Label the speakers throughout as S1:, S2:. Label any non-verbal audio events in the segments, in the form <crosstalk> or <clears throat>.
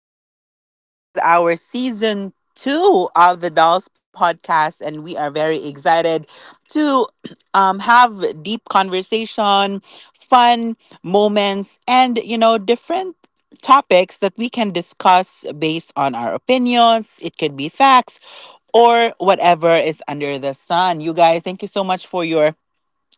S1: You guys, this is our season two of the Dolls Podcast, and we are very excited to <clears throat> have deep conversation, fun moments, and, you know, different topics that we can discuss based on our opinions. It could be facts or whatever is under the sun. You guys, thank you so much for your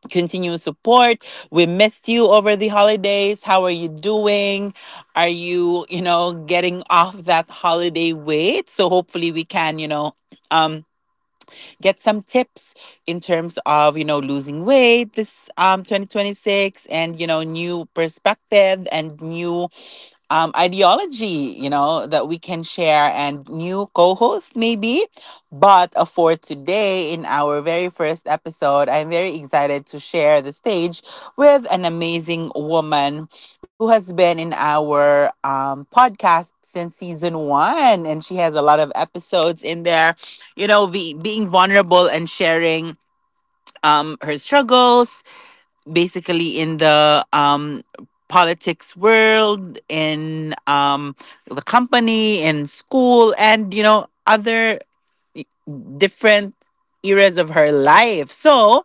S1: continued support. We missed you over the holidays. How are you doing? Are you, you know, getting off that holiday weight? So hopefully we can, you know, um get some tips in terms of, you know, losing weight this 2026, and, you know, new perspective and new ideology, you know, that we can share and new co host maybe. But for today, in our very first episode, I'm very excited to share the stage with an amazing woman who has been in our podcast since season one. And she has a lot of episodes in there, you know, being vulnerable and sharing her struggles basically in the politics world, in the company, in school, and you know, other different eras of her life. So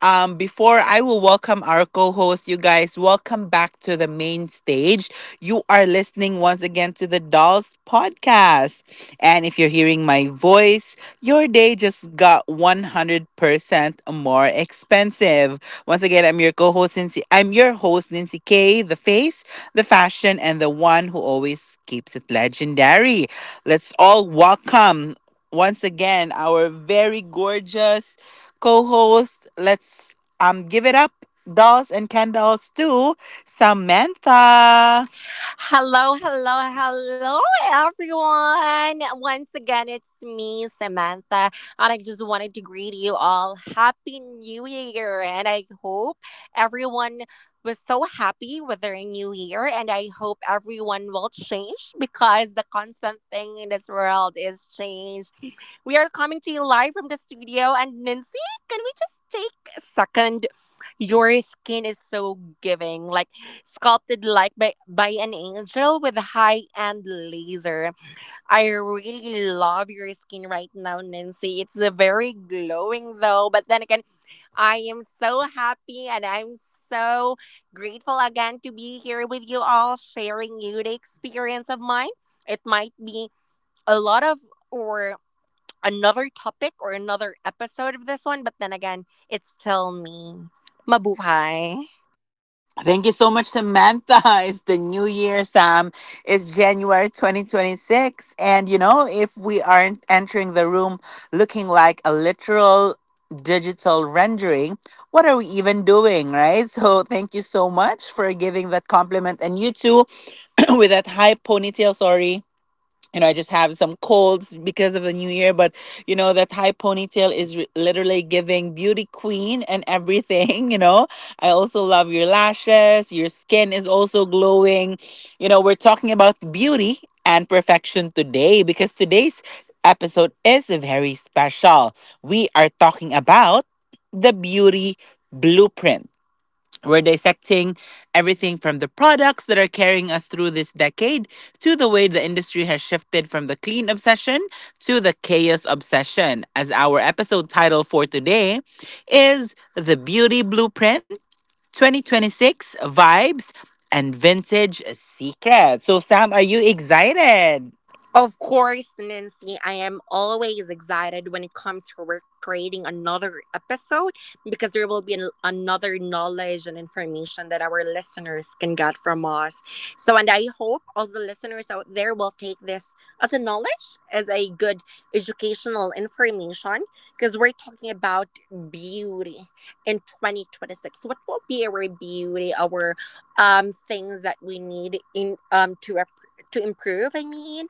S1: before I will welcome our co host, you guys, welcome back to the main stage. You are listening once again to the Dolls Podcast. And if you're hearing my voice, your day just got 100% more expensive. Once again, I'm your co host, Nancy. I'm your host, Nancy K, the face, the fashion, and the one who always keeps it legendary. Let's all welcome once again our very gorgeous co-host. Let's give it up, dolls and candles, to Samantha.
S2: Hello, hello, hello, everyone. Once again, it's me, Samantha, and I just wanted to greet you all. Happy New Year, and I hope everyone was so happy with their new year, and I hope everyone will change because the constant thing in this world is change. We are coming to you live from the studio. And Nancy, can we just take a second? Your skin is so giving, like sculpted like by an angel with high end laser. I really love your skin right now, Nancy. It's very glowing though, but then again, I am so happy and I'm so grateful again to be here with you all, sharing you the experience of mine. It might be a lot of, or another topic or another episode of this one, but then again, it's still me. Mabuhay.
S1: Thank you so much, Samantha. <laughs> It's the new year, Sam. It's January 2026. And you know, if we aren't entering the room looking like a literal digital rendering, what are we even doing, right? So thank you so much for giving that compliment. And you too, <clears throat> with that high ponytail, sorry. You know, I just have some colds because of the new year, but you know, that high ponytail is literally giving beauty queen and everything. <laughs> You know, I also love your lashes, your skin is also glowing. You know, we're talking about beauty and perfection today, because today's episode is very special. We are talking about the beauty blueprint. We're dissecting everything from the products that are carrying us through this decade to the way the industry has shifted from the clean obsession to the chaos obsession. As our episode title for today is The Beauty Blueprint 2026, Vibes and Vintage Secrets. So, Sam, are you excited?
S2: Of course, Nancy, I am always excited when it comes to we're creating another episode because there will be another knowledge and information that our listeners can get from us. So, and I hope all the listeners out there will take this as a knowledge, as a good educational information because we're talking about beauty in 2026. What will be our beauty, our things that we need in, to improve, I mean?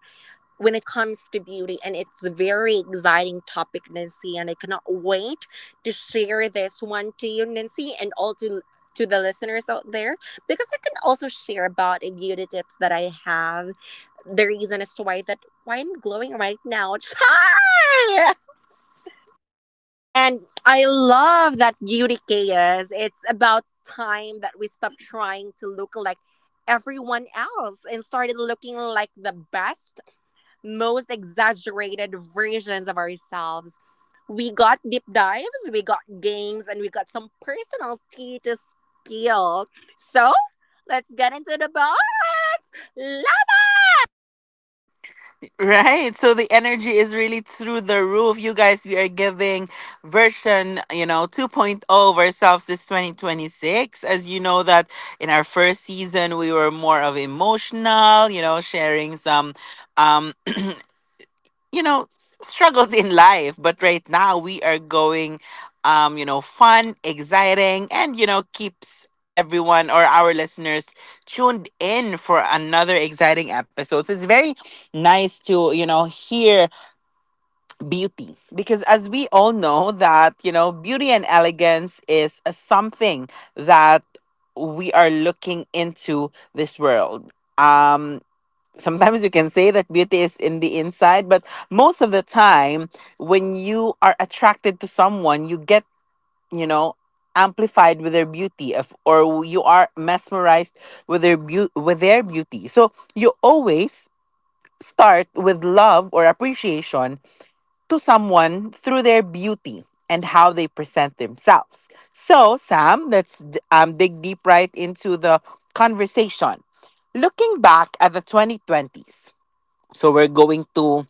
S2: When it comes to beauty, and it's a very exciting topic, Nancy, and I cannot wait to share this one to you, Nancy, and all to the listeners out there, because I can also share about a beauty tips that I have, the reason as to why I'm glowing right now. <laughs> And I love that beauty chaos. It's about time that we stop trying to look like everyone else and started looking like the best, most exaggerated versions of ourselves. We got deep dives, we got games, and we got some personal tea to spill. So, let's get into the bar.
S1: Right. So the energy is really through the roof. You guys, we are giving version, you know, 2.0 of ourselves this 2026. As you know that in our first season, we were more of emotional, you know, sharing some, um you know, struggles in life, but right now we are going, you know, fun, exciting, and you know, keeps everyone or our listeners tuned in for another exciting episode. So it's very nice to, you know, hear beauty, because as we all know that, you know, beauty and elegance is a something that we are looking into this world. um Sometimes you can say that beauty is in the inside, but most of the time when you are attracted to someone, you get, you know, amplified with their beauty, of, or you are mesmerized with their beauty, with their beauty. So you always start with love or appreciation to someone through their beauty and how they present themselves. So Sam, let's dig deep right into the conversation, looking back at the 2020s. So we're going to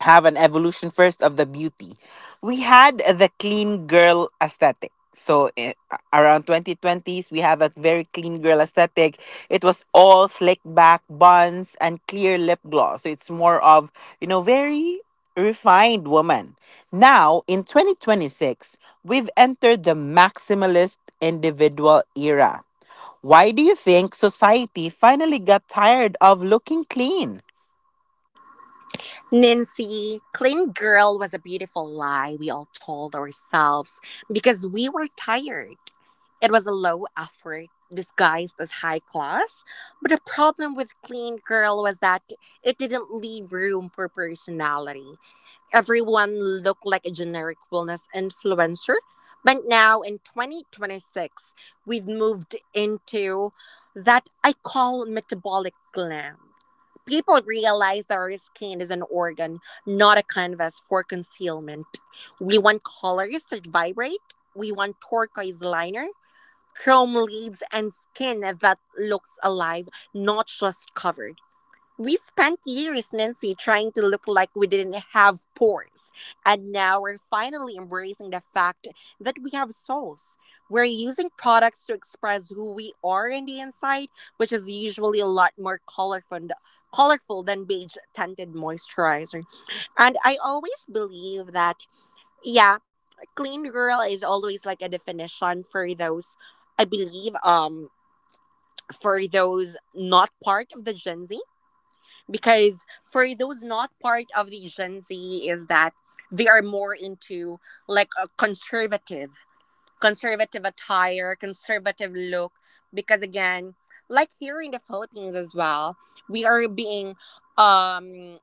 S1: have an evolution first of the beauty. We had the clean girl aesthetic. So around 2020s, we have a very clean girl aesthetic. It was all slick back buns and clear lip gloss. So it's more of, you know, very refined woman. Now, in 2026, we've entered the maximalist individual era. Why do you think society finally got tired of looking clean?
S2: Nancy, clean girl was a beautiful lie we all told ourselves because we were tired. It was a low effort disguised as high class, but the problem with clean girl was that it didn't leave room for personality. Everyone looked like a generic wellness influencer. But now in 2026, we've moved into that I call metabolic glam. People realize that our skin is an organ, not a canvas for concealment. We want colors that vibrate, we want turquoise liner, chrome leaves, and skin that looks alive, not just covered. We spent years, Nancy, trying to look like we didn't have pores. And now we're finally embracing the fact that we have souls. We're using products to express who we are on the inside, which is usually a lot more colorful than beige tinted moisturizer. And I always believe that, yeah, clean girl is always like a definition for those, I believe, for those not part of the Gen Z, because for those not part of the Gen Z is that they are more into like a conservative attire, conservative look. Because again, like here in the Philippines as well, we are being um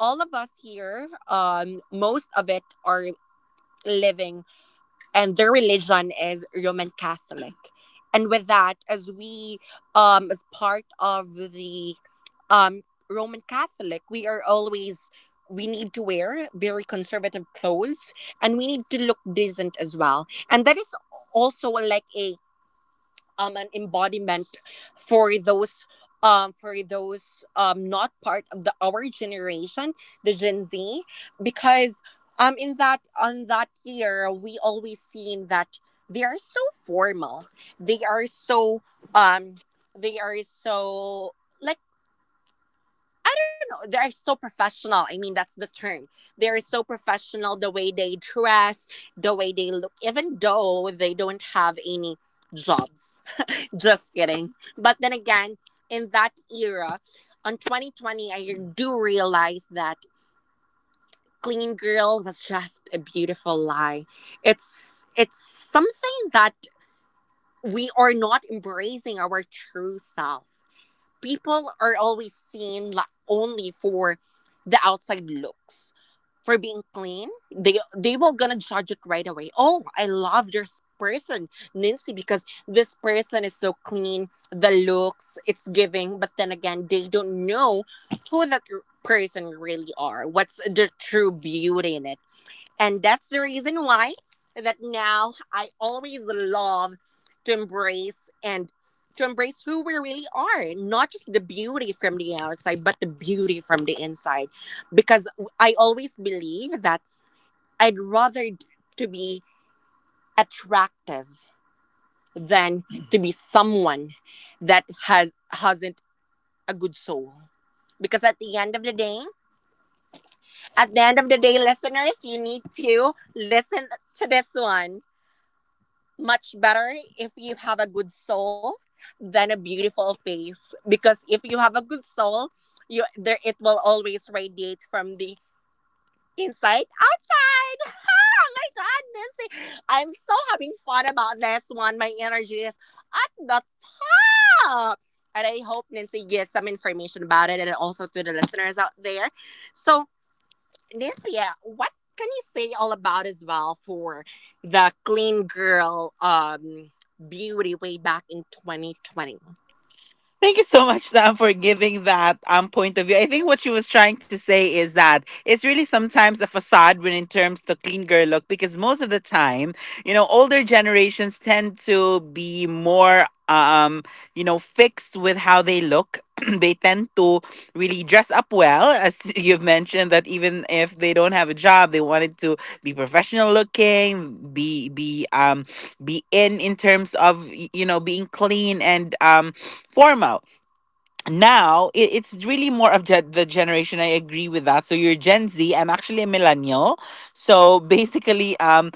S2: all of us here, um, most of it are living and their religion is Roman Catholic. And with that, as we, as part of the um, Roman Catholic, we are always, we need to wear very conservative clothes and we need to look decent as well. And that is also like a an embodiment for those, not part of the our generation, the Gen Z, because in that, on that year, we always seen that they are so formal, they are so um they are so like, I don't know, they are so professional, I mean, that's the term. They are so professional the way they dress, the way they look, even though they don't have any jobs, just kidding. But then again, in that era, on 2020, I do realize that Clean Girl was just a beautiful lie. It's something that we are not embracing our true self. People are always seen like only for the outside looks, for being clean. They will gonna judge it right away. Oh, I love this person, Nancy, because this person is so clean, the looks it's giving. But then again, they don't know who that person really are, what's the true beauty in it. And that's the reason why that now I always love to embrace and to embrace who we really are, not just the beauty from the outside, but the beauty from the inside. Because I always believe that I'd rather to be attractive than to be someone that hasn't a good soul. Because at the end of the day, listeners, you need to listen to this one. Much better if you have a good soul than a beautiful face, because if you have a good soul, you there it will always radiate from the inside outside. Oh my goodness, I'm so having fun about this one. My energy is at the top, and I hope Nancy gets some information about it, and also to the listeners out there. So Nancy, what can you say all about as well for the clean girl beauty way back in 2020?
S1: Thank you so much, Sam, for giving that point of view. I think what she was trying to say is that it's really sometimes the facade when in terms to clean girl look, because most of the time, you know, older generations tend to be more you know, fixed with how they look. <clears throat> They tend to really dress up well, as <laughs> you've mentioned, that even if they don't have a job, they wanted to be professional looking, be in terms of, you know, being clean and formal. Now it's really more of the generation. I agree with that. So you're Gen Z, I'm actually a millennial. So basically,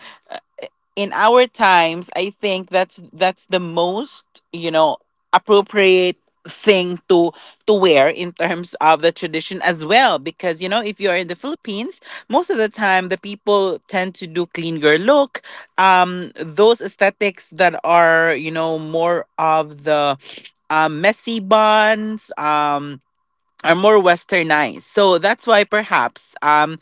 S1: in our times, I think that's the most, you know, appropriate thing to wear in terms of the tradition as well, because you know, if you're in the Philippines, most of the time, the people tend to do clean girl look, those aesthetics that are, you know, more of the messy buns, are more westernized. So that's why perhaps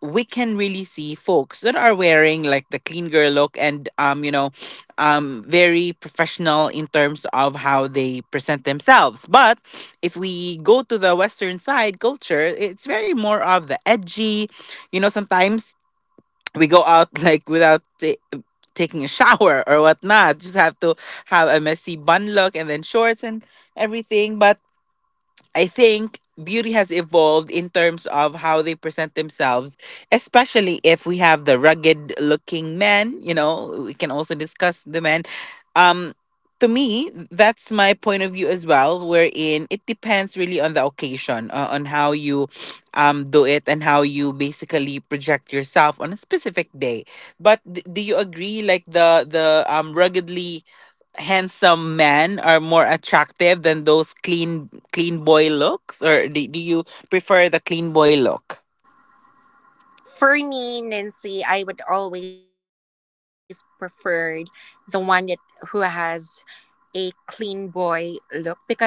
S1: we can really see folks that are wearing like the clean girl look and very professional in terms of how they present themselves. But if we go to the western side culture, it's very more of the edgy, you know, sometimes we go out <laughs> like without taking a shower or whatnot. Just have to have a messy bun look and then shorts and everything. But I think beauty has evolved in terms of how they present themselves, especially if we have the rugged looking men, you know, we can also discuss the men. Um to me, that's my point of view as well, wherein it depends really on the occasion, on how you do it and how you basically project yourself on a specific day. But do you agree, like the ruggedly handsome men are more attractive than those clean boy looks, or do you prefer the clean boy look?
S2: For me, Nancy, I would always prefer the one that who has a clean boy look, because again,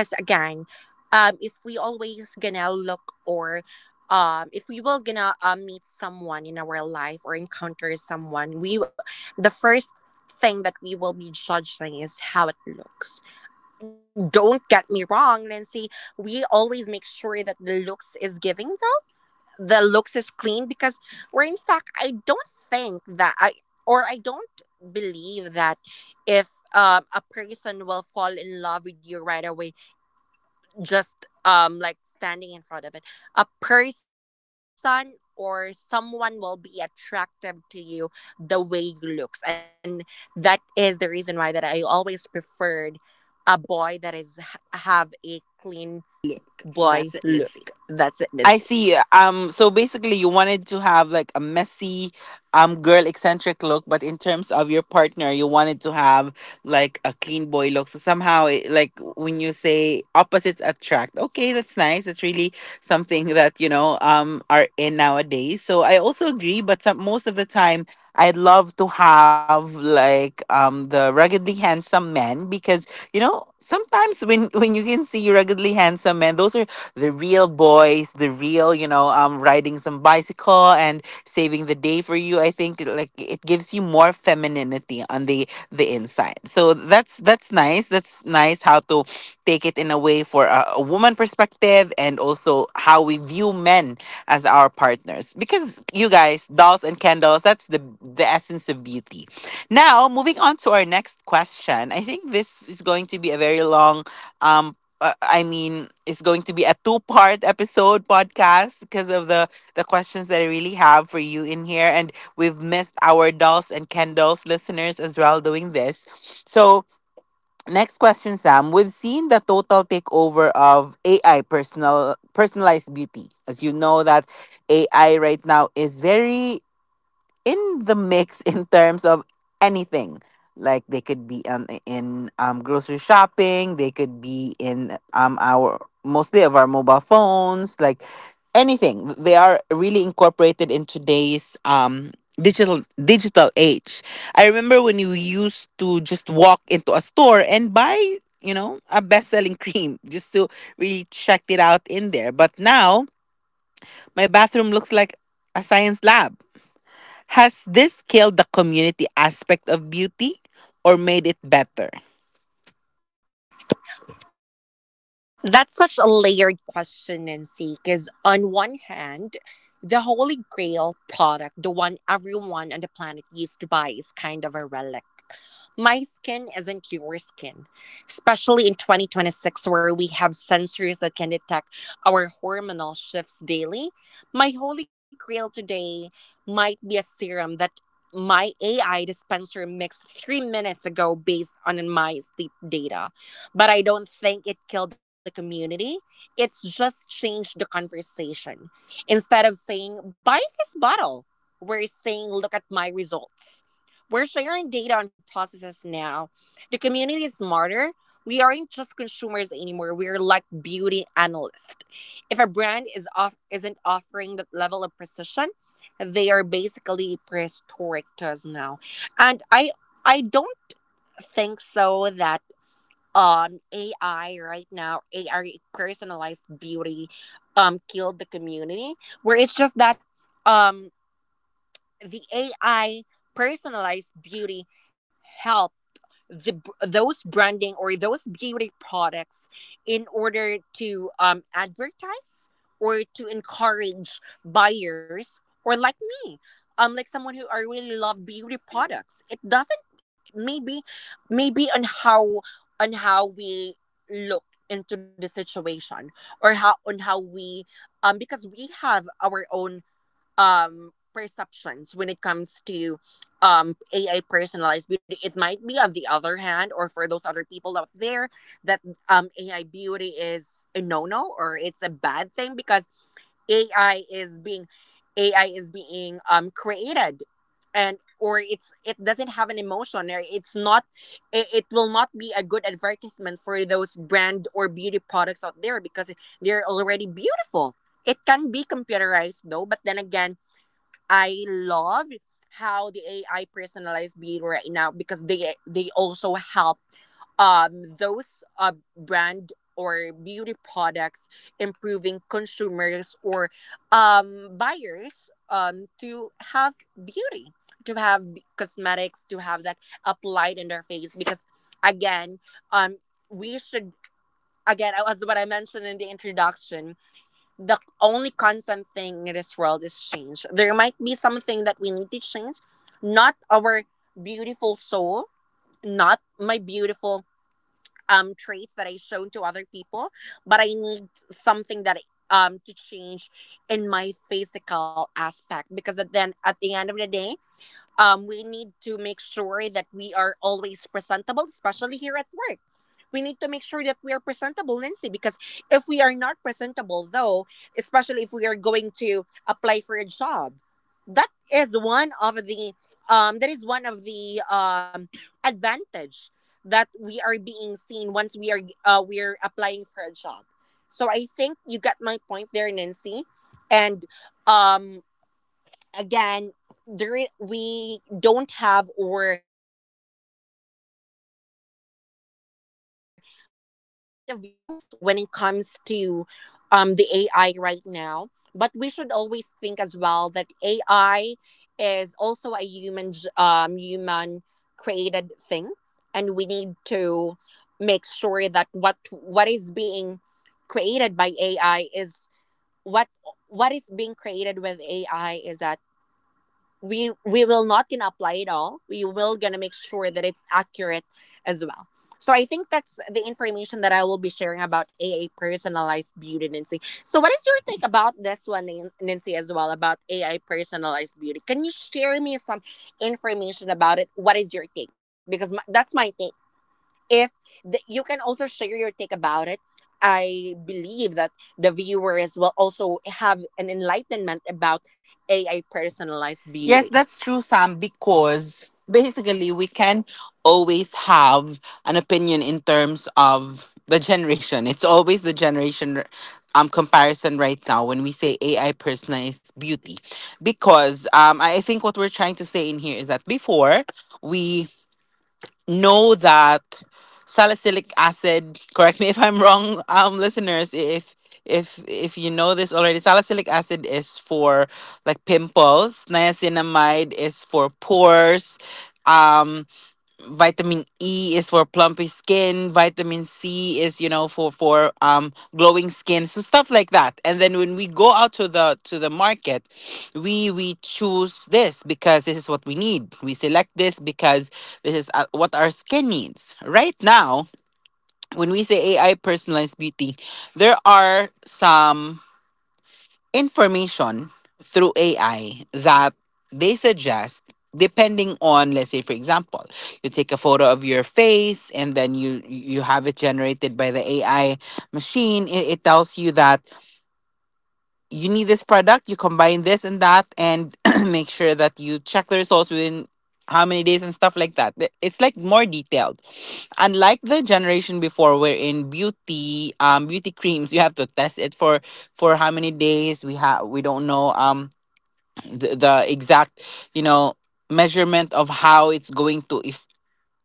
S2: if we always gonna look, or if we will gonna meet someone in our life or encounter someone, we the first thing that we will be judging is how it looks. Don't get me wrong, Nancy. We always make sure that the looks is giving, the looks is clean, because where in fact I don't think that I, or I don't believe that if a person will fall in love with you right away, just like standing in front of it, a person or someone will be attractive to you the way you looks. And that is the reason why that I always preferred a boy that is have a clean
S1: Look,
S2: boy
S1: that's it,
S2: look.
S1: Nancy.
S2: That's it, Nancy.
S1: I see. So basically, you wanted to have like a messy, girl eccentric look, but in terms of your partner, you wanted to have like a clean boy look. So somehow, it, like when you say opposites attract, okay, that's nice. It's really something that you know, are in nowadays. So I also agree, but some, most of the time, I'd love to have like the ruggedly handsome men, because you know, sometimes when you can see ruggedly handsome men, those are the real boys, the real, you know, riding some bicycle and saving the day for you. I think like it gives you more femininity on the inside. So that's nice. That's nice how to take it in a way for a woman perspective and also how we view men as our partners. Because you guys, dolls and candles, that's the essence of beauty. Now moving on to our next question. I think this is going to be a very long um I mean, it's going to be a two-part episode podcast because of the questions that I really have for you in here, and we've missed our dolls and Kendalls listeners as well doing this. So next question, Sam. We've seen the total takeover of AI personalized beauty. As you know that AI right now is very in the mix <laughs> in terms of anything. Like they could be in grocery shopping, they could be in our mostly of our mobile phones, like anything. They are really incorporated in today's digital age. I remember when you used to just walk into a store and buy, you know, a best-selling <laughs> cream just to really check it out in there. But now my bathroom looks like a science lab. Has this killed the community aspect of beauty or made it better?
S2: That's such a layered question, Nancy, because on one hand, the holy grail product, the one everyone on the planet used to buy, is kind of a relic. My skin isn't your skin, especially in 2026, where we have sensors that can detect our hormonal shifts daily. My holy grail today might be a serum that my AI dispenser mixed 3 minutes ago based on my sleep data, but I don't think it killed the community. It's just changed the conversation. Instead of saying, buy this bottle, we're saying, look at my results. We're sharing data on processes now. The community is smarter. We aren't just consumers anymore. We're like beauty analysts. If a brand is off isn't offering that level of precision, they are basically prehistoric to us now. And I don't think so that AI right now, AI personalized beauty killed the community, where it's just that um the AI personalized beauty help the those branding or those beauty products in order to advertise or to encourage buyers or like me, like someone who I really love beauty products. It doesn't, maybe, on how, we look into the situation, or how, on how we, because we have our own perceptions when it comes to AI personalized beauty. It might be on the other hand, or for those other people out there that AI beauty is a no no, or it's a bad thing, because AI is being AI is being created, and or it's, it doesn't have an emotion, or it's not, it will not be a good advertisement for those brand or beauty products out there, because they're already beautiful. It can be computerized though, but then again, I love how the AI personalized being right now, because they also help those brand or beauty products improving consumers or buyers to have beauty, to have cosmetics, to have that applied in their face, because again, um we should, again as what I mentioned in the introduction, the only constant thing in this world is change. There might be something that we need to change, not our beautiful soul, not my beautiful traits that I shown to other people, but I need something that to change in my physical aspect, because that, then at the end of the day, we need to make sure that we are always presentable, especially here at work. We need to make sure that we are presentable, Nancy, because if we are not presentable though, especially if we are going to apply for a job, that is one of the um, that is one of the um, advantage that we are being seen once we are we're applying for a job. So I think you got my point there, Nancy, and um again during we don't have or we always have a different um point of views when it comes to the AI right now, but we should always think as well that AI is also a human human created thing. And we need to make sure that what is being created by AI is what what is being created with AI is that we will not gonna apply it all. We will gonna make sure that it's accurate as well. So I think that's the information that I will be sharing about AI personalized beauty, Nancy. So what is your take about this one, Nancy, as well, about AI personalized beauty? Can you share me some information about it? What is your take? Because my, that's my take. If you can also share your take about it, I believe that the viewers will also have an enlightenment about AI personalized beauty.
S1: Yes, that's true, Sam, because basically we can always have an opinion in terms of the generation. It's always the generation comparison right now when we say AI personalized beauty. Because I think what we're trying to say in here is that before we know that salicylic acid, <laughs> correct me if I'm wrong, listeners, if you know this already, salicylic acid is for like pimples, niacinamide is for pores, um vitamin E is for plumpy skin, vitamin C is, you know, for glowing skin, so stuff like that. And then when we go out to the market, we choose this because this is what we need. We select this because this is what our skin needs. Right now, when we say AI personalized beauty, there are some information through AI that they suggest depending on, let's say for example, you take a photo of your face and then you have it generated by the AI machine. It tells you that you need this product, you combine this and that, and <clears throat> make sure that you check the results within how many days and stuff like that. It's like more detailed. Unlike the generation before, where in beauty, beauty creams, you have to test it for how many days. We don't know the exact you know measurement of how it's going to, if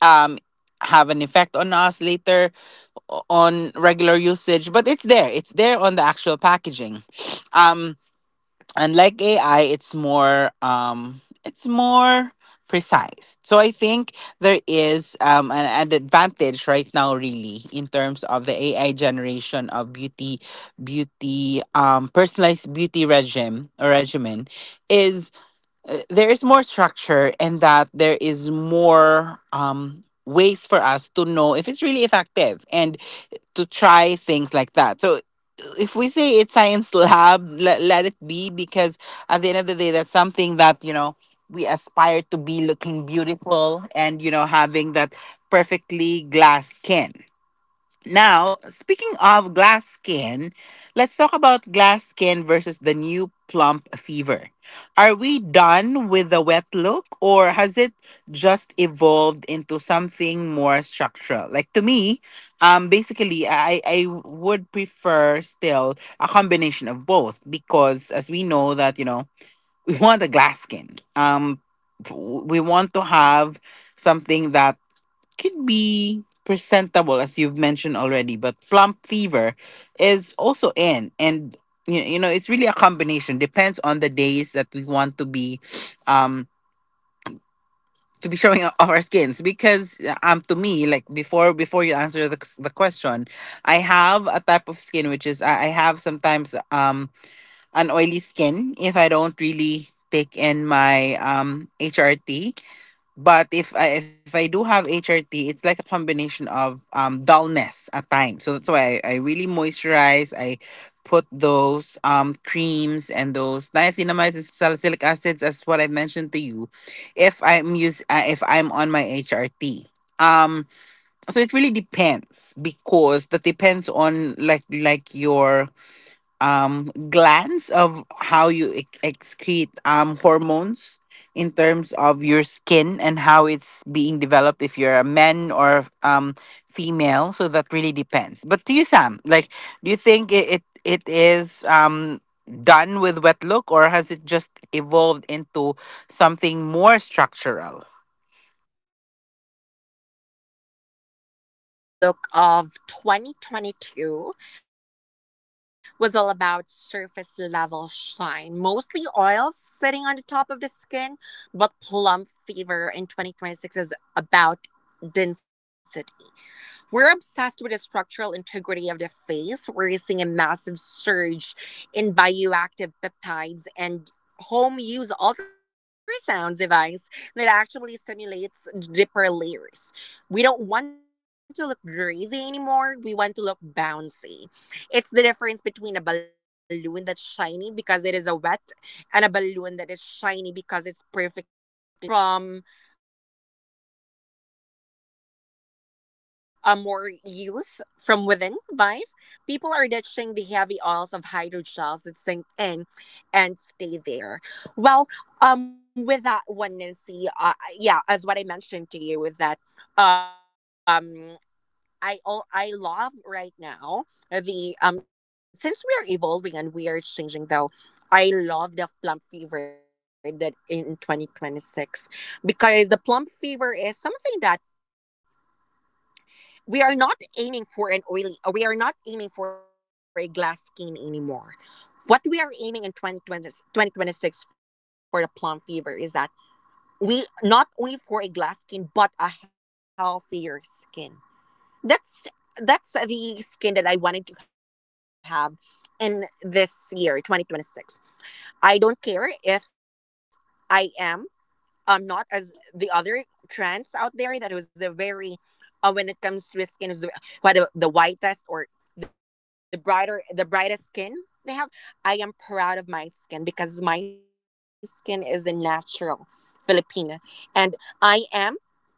S1: um have an effect on us later on regular usage, but it's there on the actual packaging. um Unlike AI, it's more, it's more precise. So I think there is an advantage right now, really, in terms of the AI generation of beauty, personalized beauty regime or regimen, is there is more structure, and that there is more ways for us to know if it's really effective and to try things like that. So if we say it's science lab, let it be, because at the end of the day, that's something that, you know, we aspire to be looking beautiful and, you know, having that perfectly glass skin. Now, speaking of glass skin, let's talk about glass skin versus the new plump fever. Are we done with the wet look, or has it just evolved into something more structural? Like, to me, basically I would prefer still a combination of both, because as we know that, you know, we want a glass skin. We want to have something that could be presentable, as you've mentioned already, but plump fever is also in, and you know it's really a combination, depends on the days that we want to be, um to be showing <laughs> off our skins. Because to me, like, before you answer the question, I have a type of skin which is, I have sometimes an oily skin if I don't really take in my HRT. But if I do have HRT, it's like a combination of dullness at times. So that's why I really moisturize. I put those creams and those niacinamides and salicylic acids as what I mentioned to you. If I'm on my HRT. Um so it really depends, because that depends on, like your glands of how you excrete hormones in terms of your skin and how it's being developed, if you're a man or female. So that really depends. But to you, Sam, like, do you think it, it is done with wet look, or has it just evolved into something more structural?
S2: The wet dolphin look of 2022 was all about surface level shine, mostly oils sitting on the top of the skin, but plump fever in 2026 is about density. We're obsessed with the structural integrity of the face. We're seeing a massive surge in bioactive peptides and home use ultrasound device that actually simulates deeper layers. We don't want to look greasy anymore. We want to look bouncy. It's the difference between a balloon that's shiny because it is a wet and a balloon that is shiny because it's perfectly inflated. It's healthier, more from a more youth from within vibe. People are ditching the heavy oils of hydrogels that sink in and stay there. Well, with that one, Nancy, yeah, as what I mentioned to you, that um I all I love right now, the since we're evolving and we are changing though, I love the plum fever that in 2026, because the plum fever is something that we are not aiming for an oily, we are not aiming for a glass skin anymore. What we are aiming in 2020 2026 for the plum fever is that we not only for a glass skin but a healthier skin. That's that's the skin that I wanted to have in this year, 2026. I don't care if I am not as the other trends out there, that was a very, when it comes to skin is what the whitest or the brighter the brightest skin they have. I am proud of my skin because my skin is a natural Filipina, and I am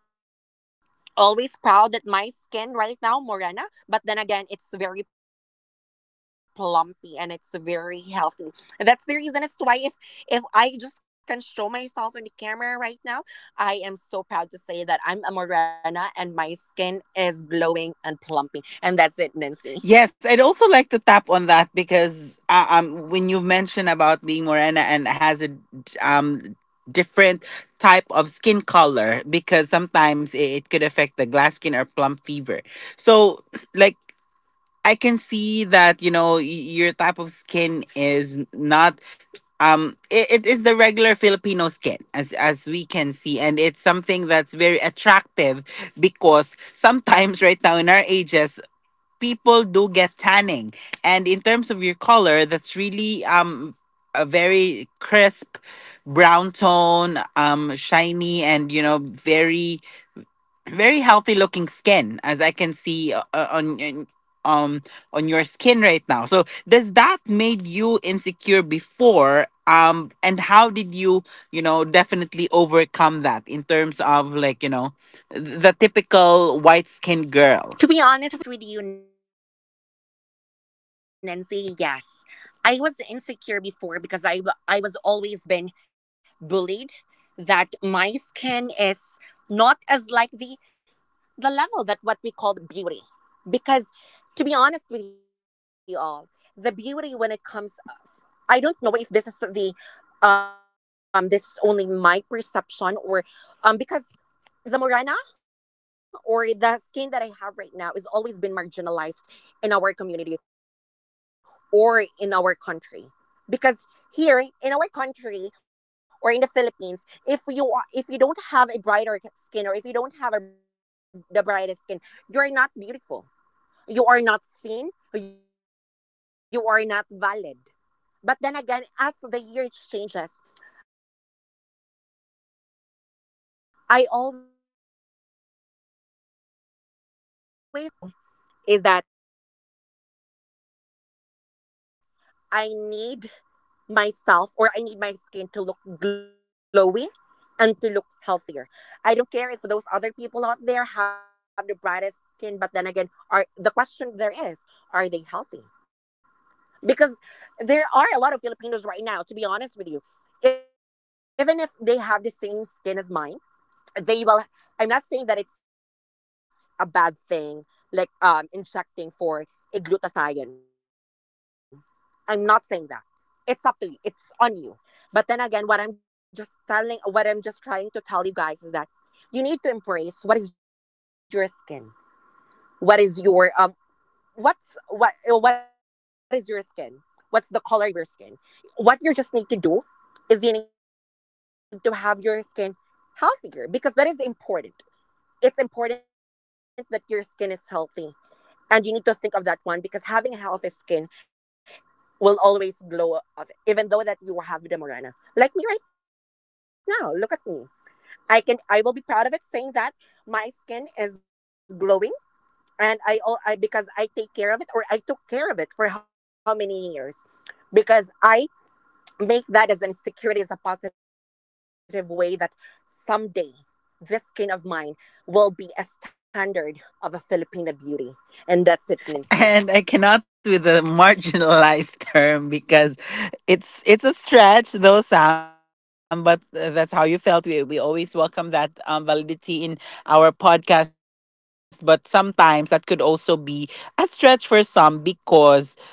S2: always proud that my skin right now morena, but then again it's very plumpy and it's very healthy. That's the reason as to why if I just can show myself in the camera right now, I am so proud to say that I'm a morena and my skin is glowing and plumpy. And that's it,
S1: Yes, I'd also
S2: Nancy.
S1: like to tap on that, because when you mention about being morena and has a um different type of skin color, because sometimes it could affect the glass skin or plum fever. So, <clears throat> like. I can see that, you know, your type of skin is not, it is the regular Filipino skin, as we can see, and it's something that's very attractive, because sometimes <laughs> right now in our ages, people do get tanning, and in terms of your color, that's really a very crisp brown tone, shiny, and you know, very healthy looking skin, as I can see um on your skin right now. So does that made you insecure before, and how did you, you know, definitely overcome that in terms of, like, you know, the typical white skinned girl?
S2: To be honest with you, Nancy, yes. I was insecure before because I was always been bullied that my skin is not as like the level that what we call beauty. Because to be honest with you all, the beauty when it comes, I don't know if this is the this is only my perception, or because the morena or the skin that I have right now is always been marginalized in our community or in our country, because here in our country or in the Philippines, if you don't have a brighter skin, or if you don't have the brightest skin, you're not beautiful, you are not seen, you are not valid. But then again, as the year changes, I always thought, I always think of it that I don't need to be insecure though. What I just need to do is that I need myself, or I need my skin to look glowy and to look healthier. I don't care if those other people out there have the brightest skin, but then again, are, the question there is, are they healthy? Because there are a lot of Filipinos right now, to be honest with you, even if they have the same skin as mine, they will, I'm not saying that it's a bad thing, like injecting for a glutathione. I'm not saying that. It's up to you, it's on you. But then again, what I'm just trying to tell you guys is that you need to embrace what is your um what is your skin, what's the color of your skin. What you just need to do is you need to have your skin healthier, because that is important. It's important that your skin is healthy, and you need to think of that one, because having a healthy skin will always glow up, even though that you have the morena like me. Right now, look at me, I will be proud of it, saying that my skin is glowing. And I all I because I take care of it, or I took care of it for how many years, because I make that as an insecurity as a positive way that someday this skin of mine will be a standard of a
S1: And I cannot
S2: Filipina
S1: with the
S2: beauty. And that's it,
S1: marginalized <laughs>
S2: Nancy.
S1: term, because it's a stretch though, Sam. But that's how you felt. We always welcome that, validity in our podcast, but sometimes that could also be a stretch for some, because, you know,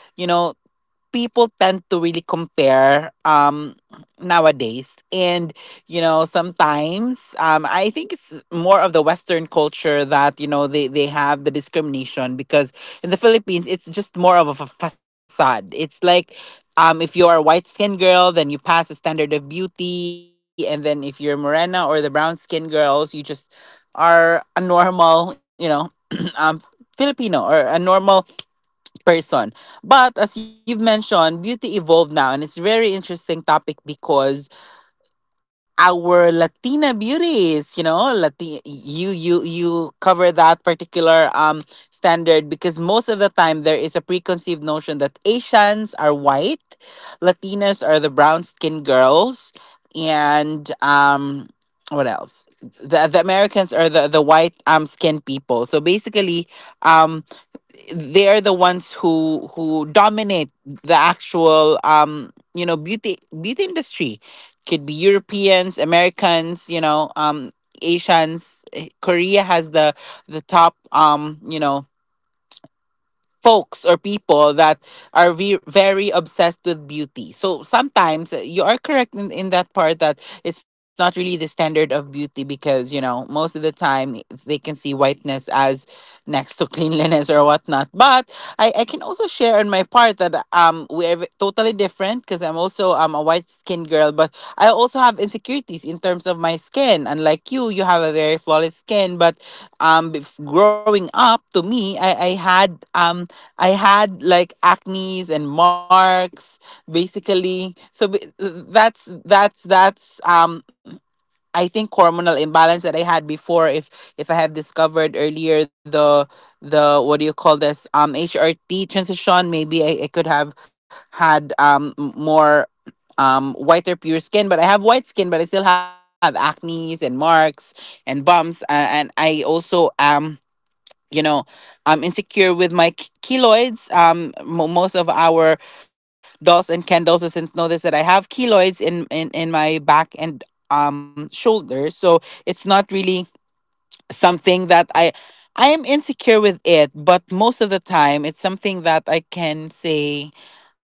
S1: people tend to really compare nowadays, and you know, sometimes, I think it's more of the Western culture that, you know, they have the discrimination, because in the Philippines it's just more of a facade. It's like, if you're a white skinned girl, then you pass the standard of beauty, and then if you're morena or the brown skinned girls, you just are a normal, you know, <clears throat> um Filipino or a normal person. But as you've mentioned, beauty evolved now, and it's very interesting topic, because our Latina beauties, you know, Latin, you cover that particular standard, because most of the time there is a preconceived notion that Asians are white, Latinas are the brown skinned girls, and. What else? The Americans are the white skinned people. So basically, um they're the ones who dominate the actual, you know, beauty industry. Could be Europeans, Americans, you know, Asians. Eh, Korea has the top, you know, folks or people that are very obsessed with beauty. So sometimes, you are correct in that part, that it's not really the standard of beauty, because, you know, most of the time they can see whiteness as next to <laughs> cleanliness or whatnot. But I can also share on my part that, we're totally different, because I'm also, a white skinned girl, but I also have insecurities in terms of my skin. Unlike you, you have a very flawless skin, but growing up to me, I had, I had like acne's and marks, basically. So that's um, I think hormonal imbalance that I had before. If I have discovered earlier the what do you call this, HRT transition, maybe I could have had, more whiter pure skin. But I have white skin, but I still have acne's and marks and bumps, and I also am, you know, I'm insecure with my keloids. Mo Most of our dolls and Ken dolls doesn't know this, that I have keloids in in my back and shoulders. So it's not really something that I am insecure with it, but most of the time it's something that I can say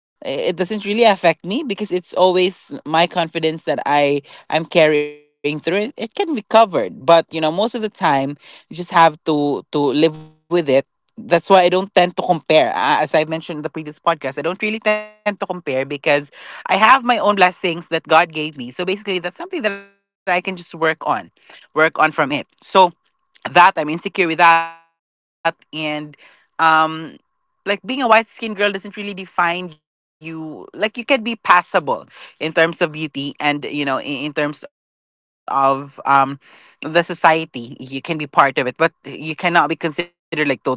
S1: it doesn't really affect me, because it's always my confidence that I'm carrying through it. It can be covered, but you know, most of the time, you just have to live with it. That's why I don't tend to compare. As I've mentioned in the previous podcast, I don't really tend to compare, because I have my own blessings that God gave me. So basically, that's something that I can just work on, work on from it. So that I'm insecure with that, and um like being a white skinned girl doesn't really define you. Like, you can be passable in terms of beauty, and you know, in terms of the society, you can be part of it, but you cannot be considered like totally,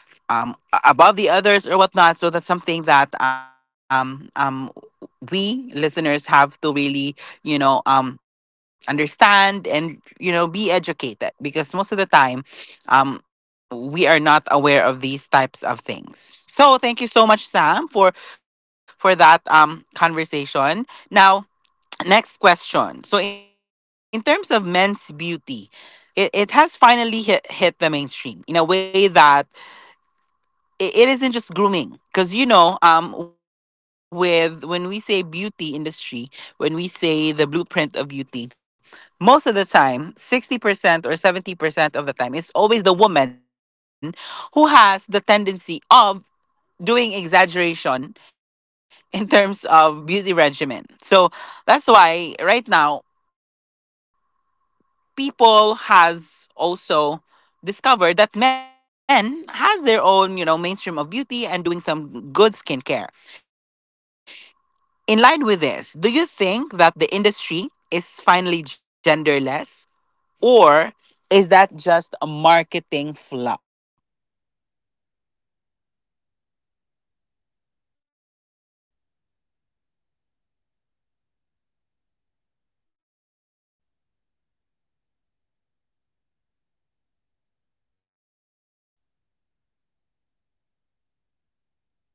S1: above the others or whatnot. So that's something that, we listeners have to really, you know, understand and, you know, be educated, because most of the time, we are not aware of these types of things. So thank you so much, Sam, for that conversation. Now, next question. So in terms of men's beauty, it has finally hit the mainstream in a way that it isn't just grooming, because, you know, with when we say beauty industry, when we say the blueprint of beauty, most of the time, 60% or 70% of the time, it's always the woman who has the tendency of doing exaggeration <laughs> in terms of beauty regimen. So that's why right now, people has also discovered that men has their own, you know, mainstream of beauty and doing some good skincare. In line with this, do you think that the industry is finally genderless, or is that just a marketing fluff?
S2: It's finally real, Nancy, that in the past, brands would just put a moisturizer in a gray bottle and call it for men. It it was patronizing.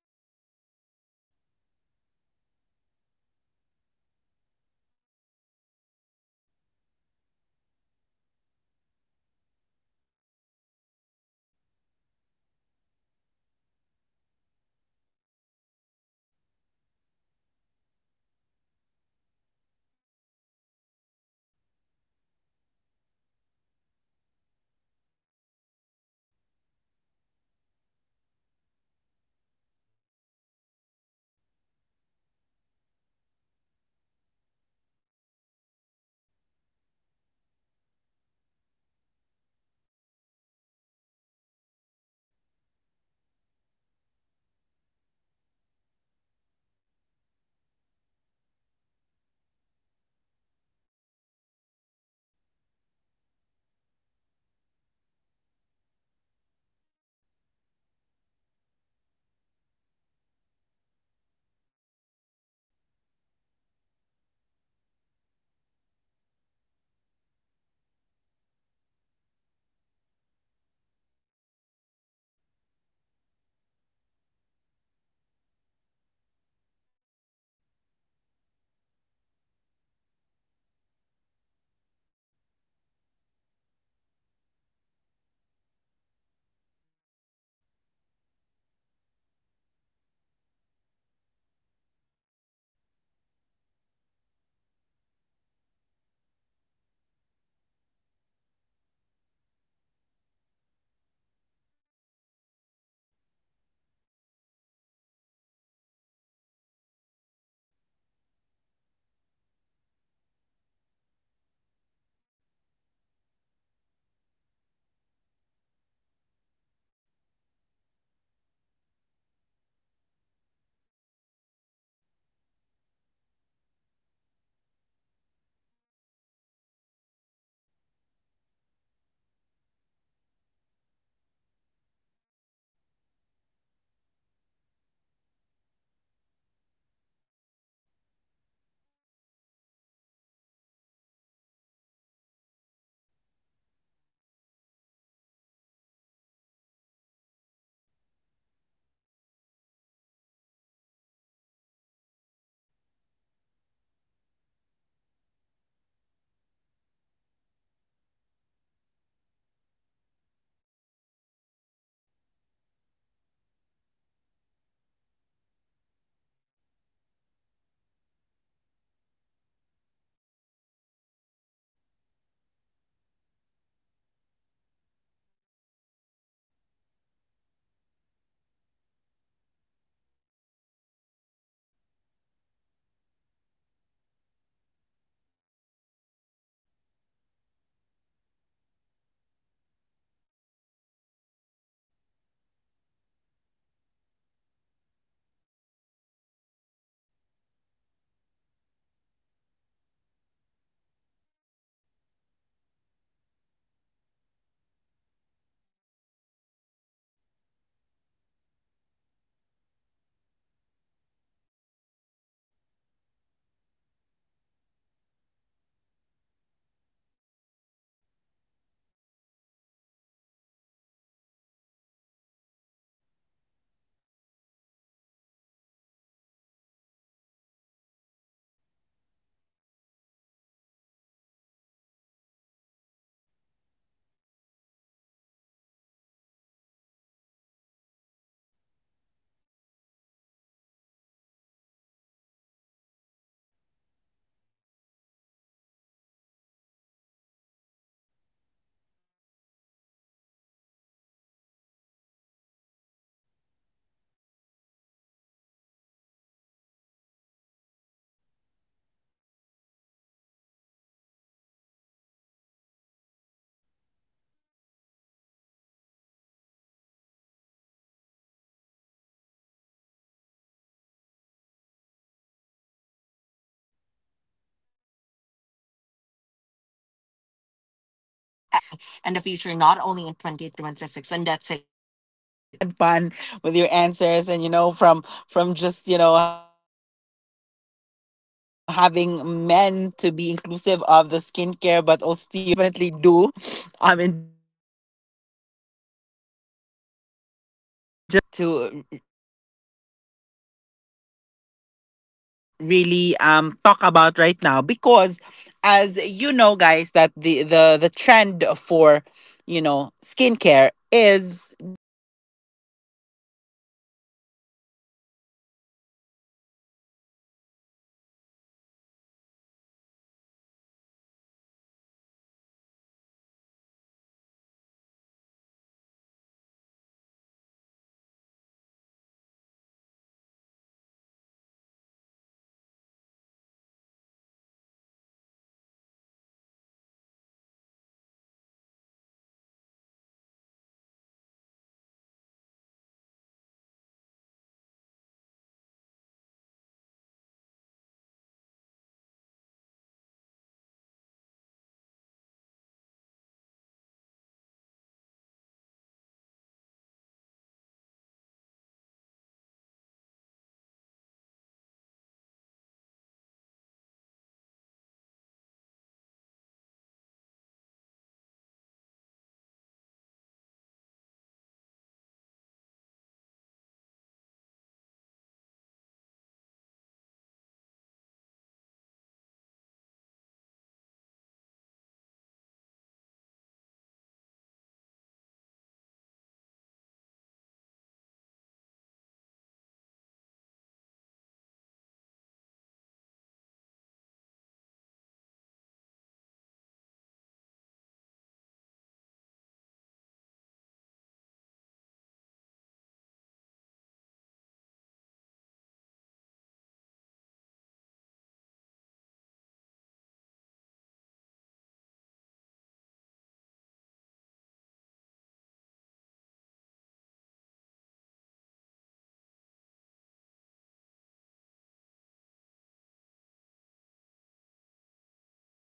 S2: Now, men are out there asking for ceramide counts and retinol percentage. They want the human touch. They've realized that having great skin isn't feminine. It's a powerful. And 2026 Your Beauty Blueprint is about your lifestyle, not your gender. We're seeing men embrace the metabolic trend to tinted sunscreens that blur imperfections without looking like makeup. It's a bond, it's about confidence. When everyone is in the room has a glow, the energy of the whole room change. It's the most inclusive an industry the industry that ever, that ever been, or has ever been. So with that, Nancy, I always believe that it's already 2026, guys. Come on. Let's wake up. Let's normalize right now that men, we should not bully them or we should not criticize them when it comes if they are applying something on their face, or they are applying lotions on their skin, or they're applying retinols just to have their skin more radiant and more glowy. Because at the end of the day, guys, it is what we call self love. If you don't have that, taking care of your body, taking care of your skin, taking care of your face, let's be honest. Is there someone will be attractive of that man if that man is not is not is not that kind of person who really takes good care of his physical aspect? No, of course. Guys, let's normalize that men right now can also use beauty products to enhance their own beauty, because they will look more attractive if they will, like be sometimes, like be, let let me, oh wait, what's the word, um be curious. Okay, that's the word. I'm sorry, that's the word. Like, men should be let's normalize that they are also curious when it comes to beauty, because I've encountered a lot of men right now, like the models, the friends that I have, and also for those so-called, not my partner though, but I it's just in a mutual understanding, or situationship like that we've met. But I was the one who's the reason is the why that I have those kind of partners though, because I was attractive under skin, even though they are not so good looking though, but then again, the skin that they have is so glowy. The I cannot tell, but it's just that I was being attracted to that person because he is so clean. The skin that he had is very neat, and that's one of the um ideal guy that I really wanted to have in the future if given a chance to have a relationship. But then again, the message that I will be just telling to you all is let's normalize men right now using beauty care product or skincare products to enhance their skin, and to have, to be more clean and more, as well. It will gonna improve, it will gonna, they will be fragrant. mm. I love the term fragrant. <laughs> To be honest with you, Nancy, I was so having fun right now with our conversation, because it it really is an open, um open minded open-minded for those listeners out there about men, women, transgenders. It's not it's not all about us right now who's in the podcast, but also for those listeners out there that we should learn. We should learn from it, and we should always normalize the changes that what we will be encountering in the future, not only in
S1: Nice,
S2: 2026. And
S1: nice. <laughs>
S2: that's it,
S1: Thank you so much,
S2: Nancy.
S1: Sam. And I really had fun
S2: Nice, <laughs>
S1: with your
S2: nice.
S1: answers. And you know, from just, you know, having men to be inclusive of the skincare, but also to your experience with men. That's something <laughs> that you can definitely do. In just a single question, but it's really a nice thing to to really talk about right now because as you know guys that the trend for you know, skincare is.
S2: People who tend to have a conversation in terms of, um, the things that they do with skincare is more of a female, you know, brand. It's a female, um, type of situation wherein, if, you know, these types of conversation that we've had before, if it will go with men having skincare, or be very specific of the one that they will choose for for themselves. Sometimes we say that it's not masculine enough, so that's why there is this type of, stigma for men who does not really go into the skincare, but just make sure that they're presentable enough, make sure that they have, um, they have something that they can present to the male, or to the female, or to the ones that they really like nowadays. So that's why, if we talk about like men having to basically, you know, um be conscious of how their skin looks like nowadays, it's it is more acceptable, unlike before when we say that it is, um generation, let's say, for example, Generation X or millennials, sometimes we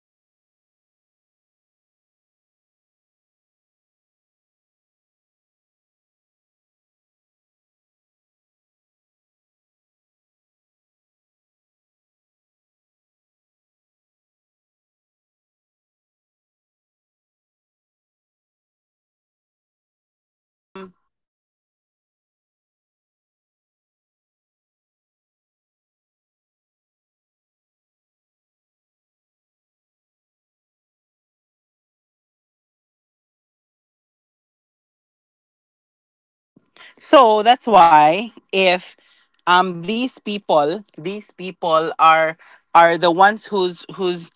S2: we tend to forget that these people are also human, and they want something great for themselves. They want something that they can be proud of, like their skin is, you know, up to par with Korean men. Because most of the time, <laughs> you know, we compare it, we compare them to Korean men, and um Korean men or Asian men are the ones who's really making sure that, you know, they are in with the style.
S1: So that's why if these people are the ones who's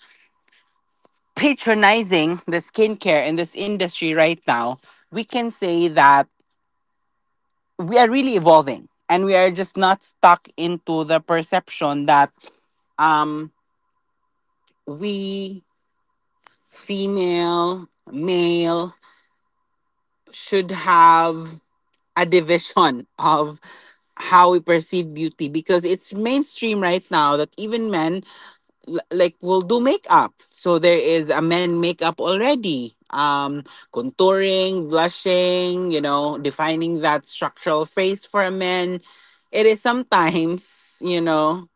S1: patronizing the skincare in this industry right now, we can say that we are really evolving and we are just not stuck into the perception that um we female male should have a division <laughs> of how we perceive beauty because it's mainstream right now that even men like will do makeup. So there is a men makeup already. Contouring, blushing, you know, defining that structural face for a man. It is sometimes, you know,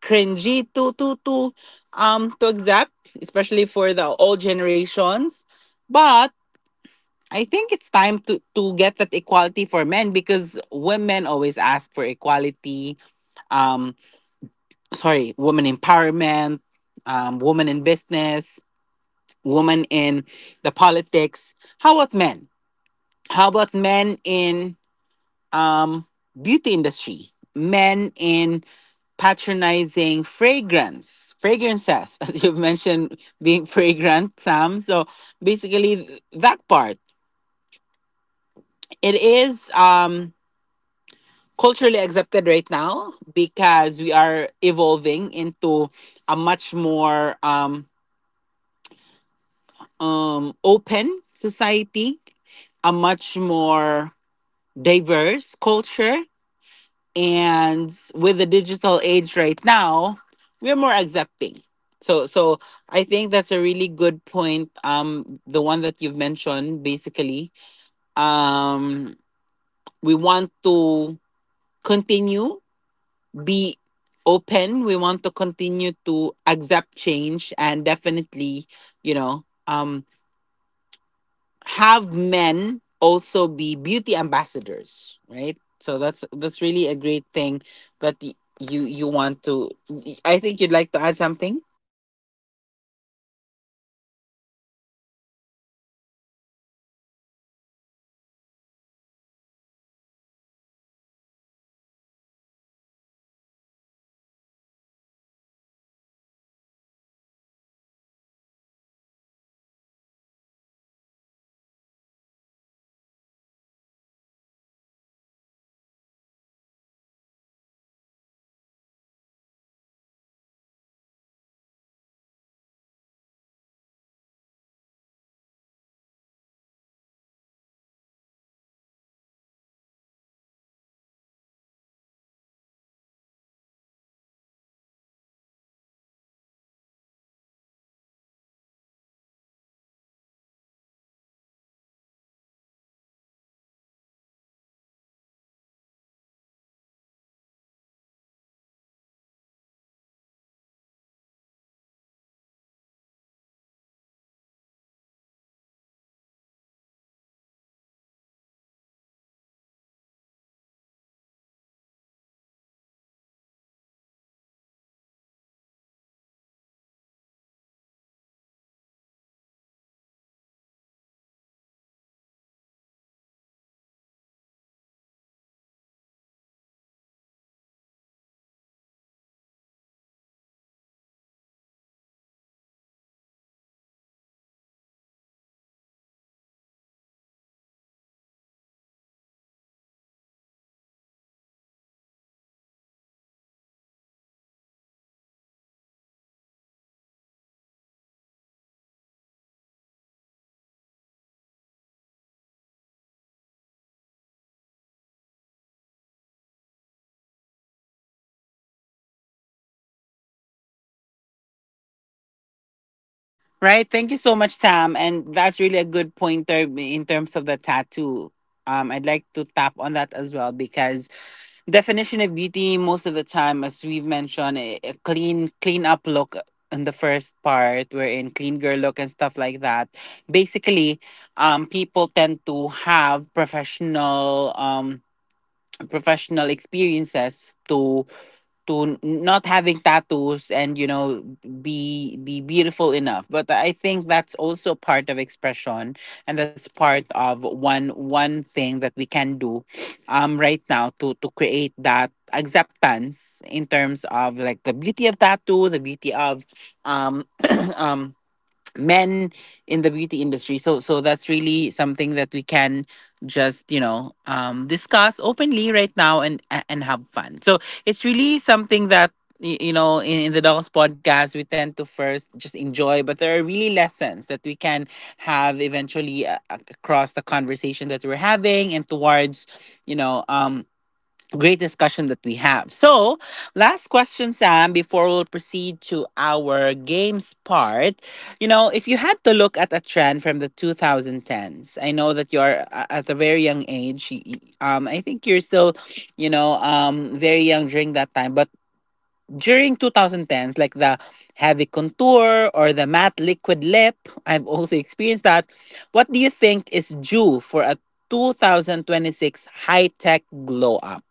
S1: cringy to to to accept, especially for the old generations. But I think it's time to get that equality for men because women always ask for equality. Um, Sorry, woman empowerment, woman in business, women in the politics. How about men? How about men in um beauty industry? Men in patronizing fragrance, fragrances, <laughs> as you've mentioned, being fragrant, Sam. So basically, that part, it is culturally accepted right now because we are evolving into a much more open society, a much more diverse culture, and with the digital age right now we're more accepting. So I think that's a really good point, the one that you've mentioned. Basically, um we want to continue, be open, we want to continue to accept change, and definitely, you know, have men also be beauty ambassadors, right? So that's really a great thing that you want to. I think you'd like to add something,
S2: Yeah. To add on for that one, Nancy, is that, um, in order for us to have equality and fairness treatment, in, no- in beauty products, brands, cosmetics, all of those, is that we should allow other genders as well to be someone that who embodies beauty. Because, like, right now in our generation, I've realized that not only men though, because even if- before, I don't know if you will agree on this one, Nancy, that to add on for having a tattoo on the skin, even though that person is professional, that person will be criticized and will be judged because the way he got the tattoo. And again, let's normalize that one nowadays. It's either you have scars, you have tattoos, you have birthmarks that are very, um that are very that will be seen, visible, on the people. We should always think of it that that is a gift. And what we should just do is we should embrace it, and we should not judge it. Because, in a matter of fact, it is what it is. We already have that. What we just need to do is we need to take care of it, and we need to embrace what we have, especially on our looks, the skin that we have, and also
S1: right?
S2: the
S1: Thank you so
S2: body
S1: much,
S2: that we
S1: Sam,
S2: have.
S1: and that's really
S2: That's
S1: a
S2: it
S1: good
S2: for me,
S1: pointer
S2: Nancy.
S1: in terms of the tattoo.
S2: Right.
S1: I'd like to tap on that as well because definition of beauty, most of the time, as we've mentioned, a clean up look in the first part, we're in clean girl look and stuff like that. Basically people tend to have professional professional experiences to not having tattoos, and you know, be beautiful enough, but I think that's also part of expression, and that's part of one thing that we can do right now to create that acceptance in terms of like the beauty of tattoo, the beauty of um <clears throat> um men in the beauty industry. So that's really something that we can just, you know, discuss openly right now, and have fun. So it's really something that you know, in the dolls podcast we tend to first just enjoy, but there are really lessons that we can have eventually, across the conversation that we're having, and towards, you know, great discussion that we have. So, last question, Sam, before we'll proceed to our games part. You know, if you had to look at a trend from the 2010s, I know that you're at a very young age. I think you're still, you know, very young during that time. But during 2010s, like the heavy contour or the matte liquid lip, I've also experienced that. What do you think is due for a 2026 high tech glow up?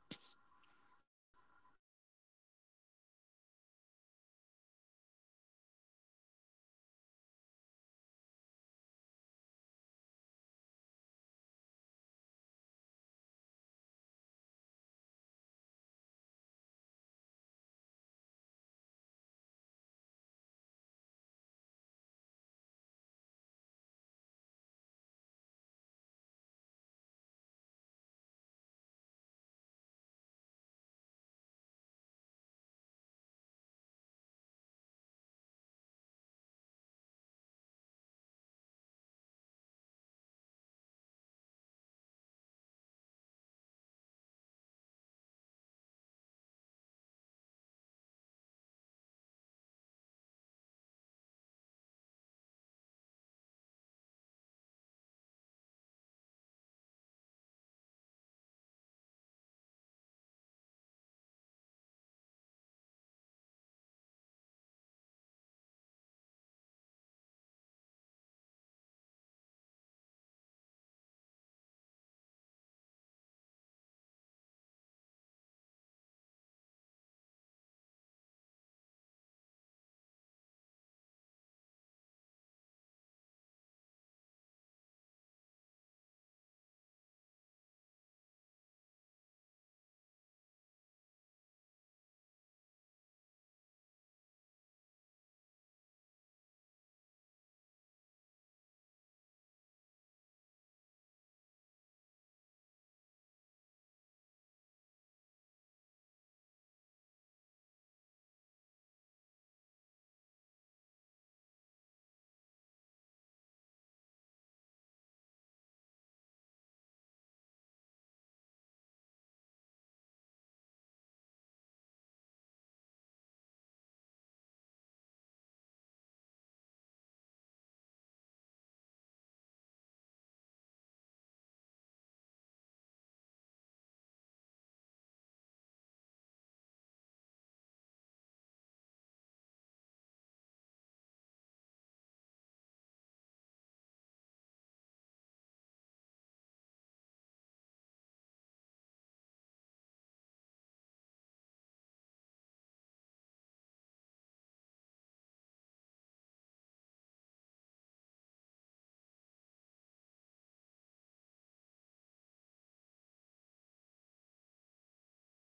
S2: Oh, the end. Oh, the Instagram face era. Like, honestly, I think the heavy mud lip is coming back, but with a twist. Back then, it felt like wearing dry clay in your <laughs> mouth, but now with our smart polymers, we can create a lip that looks matte and velvet, but feels like a cloud. I miss the armored feeling of a bold, precise lip. Everything has been so blurred and balmy for the last 3 years. I think the doll power move for late 2026 is going to be a returning to that razor sharp, ultra pigmented lip that says, I'm in charge. It's about taking that old school confidence and using new school technology to make it comfortable. And to add on for that is that I've also encountered that time that having a thick eyebrows. Having a thick eyebrows is really <laughs> is one of the things that I did before. I now there's a lot of tutorials on how we will gonna do like uh uh a lash an eyebrow lift, like that, brow tattoos. But before, I also encountered having like a very bold eyebrow, and also a thick <laughs> a thick foundation that I applied in my face. But then again, what I will be expecting in 2026, it might be like it's something that it's mixed though, that from 2010 to 2026. But what's happening right now in 2026 is more evolving. It's because there they are there are, people right now tend to have makeup more on, like, natural natural makeup. They don't want like a heavy, a heavy makeup. But if you want, there are also people that who are in the who are very extraordinary, I so called, and part of the LGBT community, which is the drag queens. The drag queens are the one who really was very artistic, I might say, because the makeup, it's so artistic, and I really love it. And that is something that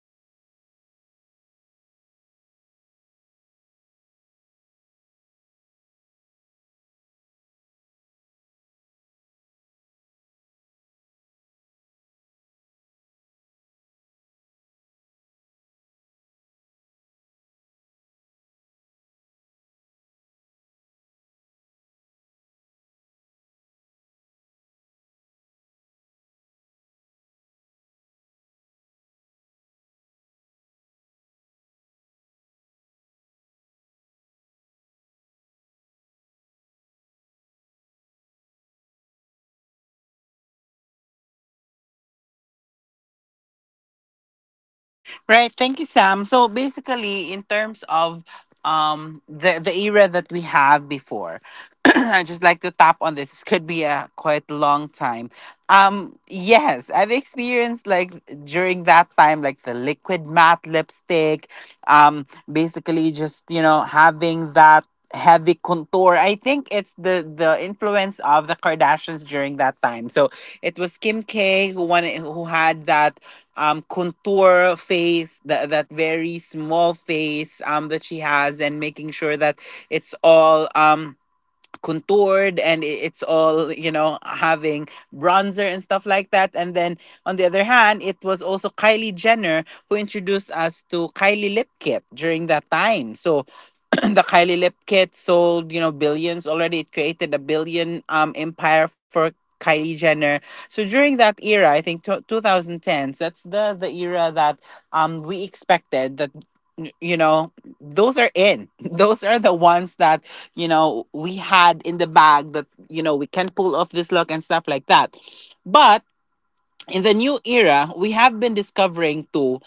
S2: I, I I'm so proud of, because as part of the LGBT community, they are raising our flag, and they are representing our community that we have something to say. we are not we are not invisible, and we are here to be seen, and we are fighting for what we good is beneficial for the entirety. And that is something that, um we should not also forget, but we should use it in order to to have this to have this one into, like, mixed up. So that, because there, if there's a mixed up on the on the generation, I believe there will be a good impact, or a good
S1: Right.
S2: output
S1: Thank
S2: at
S1: you,
S2: the
S1: Sam.
S2: end.
S1: So
S2: So that's it
S1: basically,
S2: for
S1: in
S2: me,
S1: terms
S2: Nancy.
S1: of the era that we have before, <clears throat> I just like to tap on this. This could be a quite long time. Yes, I've experienced, like during that time, like the liquid matte lipstick. Um, Basically, just, you know, having that heavy contour. I think it's the influence of the Kardashians during that time. So it was Kim K who wanted, who had that contour face, that, that very small face that she has, and making sure that it's all contoured, and it's all, you know, having bronzer and stuff like that. And then on the other hand, it was also Kylie Jenner who introduced us to Kylie Lip Kit during that time. So <clears throat> the Kylie Lip Kit sold, you know, billions already. It created a billion empire for Kylie Jenner. So during that era, I think 2010s, that's the era that we expected that, you know, those are in <laughs> those are the ones that, you know, we had in the bag, that, you know, we can pull off this look and stuff like that. But in the new era, we have been discovering too.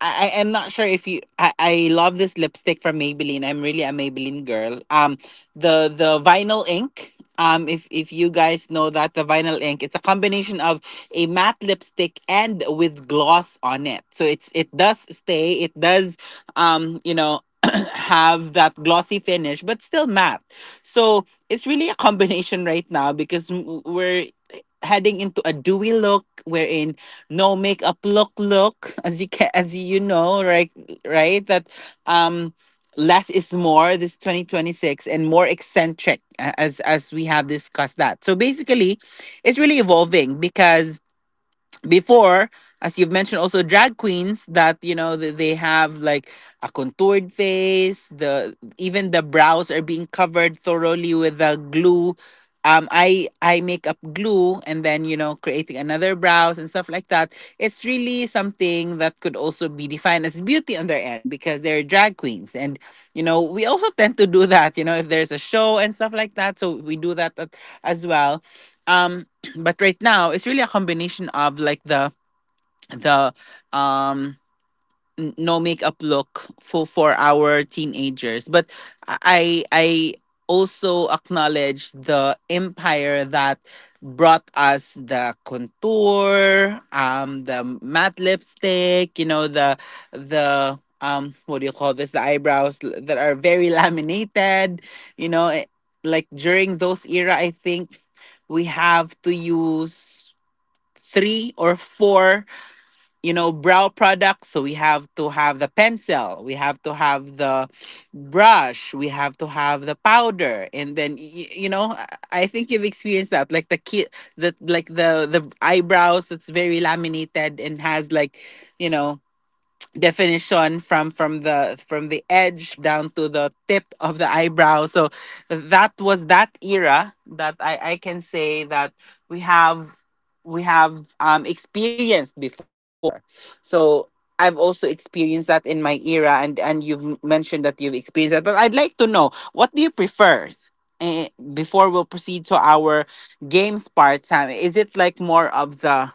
S1: I am not sure if you, I love this lipstick from Maybelline. I'm really a Maybelline girl. The vinyl ink. If you guys know that the vinyl ink, it's a combination of a matte lipstick and with gloss on it. So it's, it does stay, it does, you know, <clears throat> have that glossy finish, but still matte. So it's really a combination <laughs> right now because we're heading into a dewy look wherein no makeup look, as you can, as you know, right? Right that um less is more this 2026 and more eccentric as we have discussed that. So basically, it's really evolving, because before, as you've mentioned, also drag queens that, you know, they have like a contoured face, the even the brows are being covered thoroughly with the glue, I make up glue, and then, you know, creating another brows and stuff like that. It's really something that could also be defined as beauty on their end because they're drag queens, and, you know, we also tend to do that, you know, if there's a show and stuff like that, so we do that as well. um <clears throat> but right now, it's really a combination of like the um no makeup look for our teenagers. But I also acknowledge the empire that brought us the contour, the matte lipstick, you know, the what do you call this, the eyebrows that are very <laughs> laminated. You know, it, like during those era, I think we have to use three or four, you know, brow products. So we have to have the pencil, we have to have the brush, we have to have the powder, and then, you know, I think you've experienced that, like the kid, the like the eyebrows that's very laminated and has like, you know, definition from the edge down to the tip of the eyebrow. So that was that era that I can say that we have, we have experienced before. So I've also experienced that in my era, and you've mentioned that you've experienced that, but I'd like to know, what do you prefer? Eh, before we'll proceed to our games part time, is it like more of the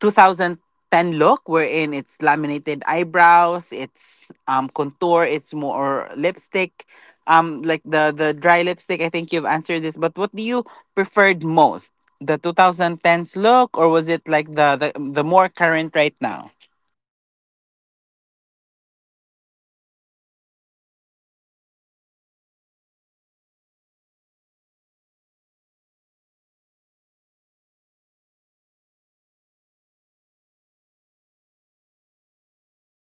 S1: 2010 look wherein it's laminated eyebrows, it's contour, it's more lipstick, like the dry lipstick? I think you've answered this, but what do you preferred most? The 2010s look, or was it like the more current right now?
S2: I will choose the current right now, which is the looks on this era, because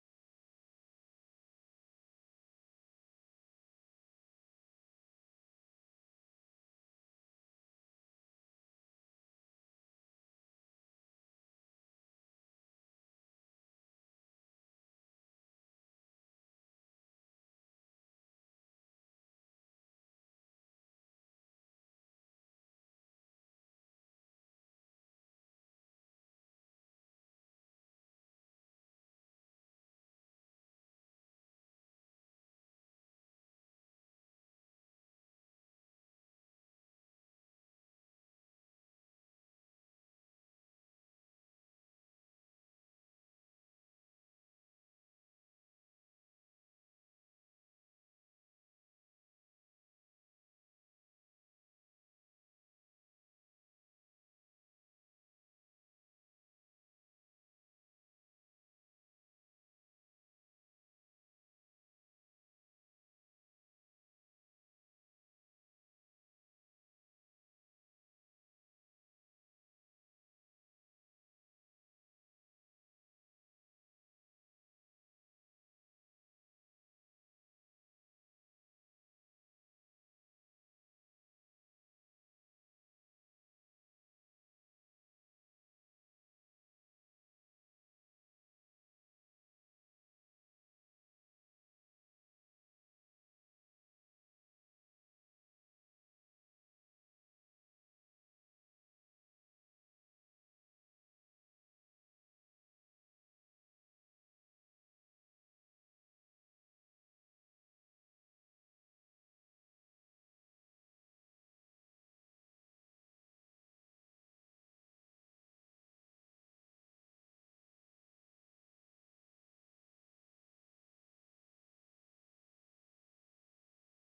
S2: it will really not gonna change the beauty or your face. It will just like gonna enhance, because you're already beautiful. Guys, come on, we're all beautiful. We are pretty in our own ways, and in that we should embrace it. We don't need to put a heavy makeup on our face. We just need to have a soft makeup, because it will just gonna enhance our beauty. Again, we are already beautiful, and we are already beautiful, and there's nothing else that, that can say that but only you. Always remember to those listeners out there that, no matter, you do not you don't need validation from other people to be beautiful. Just believe in yourself, trust yourself, and trust the progress, because you are beautiful in your own ways. Those judgments might affect you though, but at the end of the day, use those judgments from other people as a motivation in order for you to be someone that will be an aspiration for those young generation in the future. Be a model in your own way, and be someone that an inspire be someone that, that, can be a an embodiment of beauty, no matter what you are, no matter who you are. Beauty is not always being is not it's not a basis if you are beauty is not a basis when it comes if you are not if you are a good person or not. We should always remember that if you have a good heart, and if you have a good soul,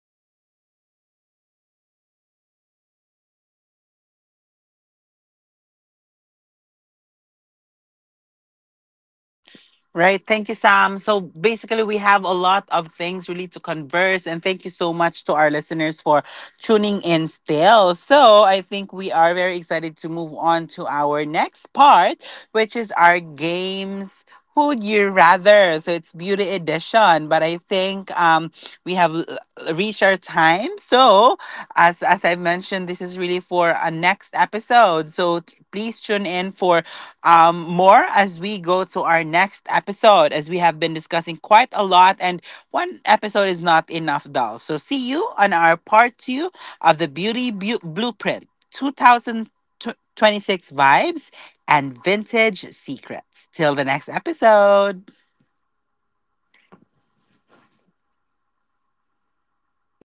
S2: that is also a beauty that comes from the inside. And it will be a good reflection as well for those
S1: Right.
S2: other
S1: Thank you,
S2: people.
S1: Sam. So
S2: And that will be
S1: basically, we
S2: something
S1: have a
S2: about it,
S1: lot of
S2: Lindsay.
S1: things really to converse. And thank you so much to our listeners for tuning in still. So I think we are very excited to move on to our next part, which is our games. Would you rather? So it's beauty edition, but I think we have reached our time. So as I mentioned, this is really for a next episode. So please tune in for more as we go to our next episode, as we have been discussing quite a lot, and one episode is not enough, doll. So, see you on our part two of the Beauty Blueprint 2026 Vibes and Vintage Secrets. Till the next episode.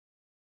S1: Malive na ka?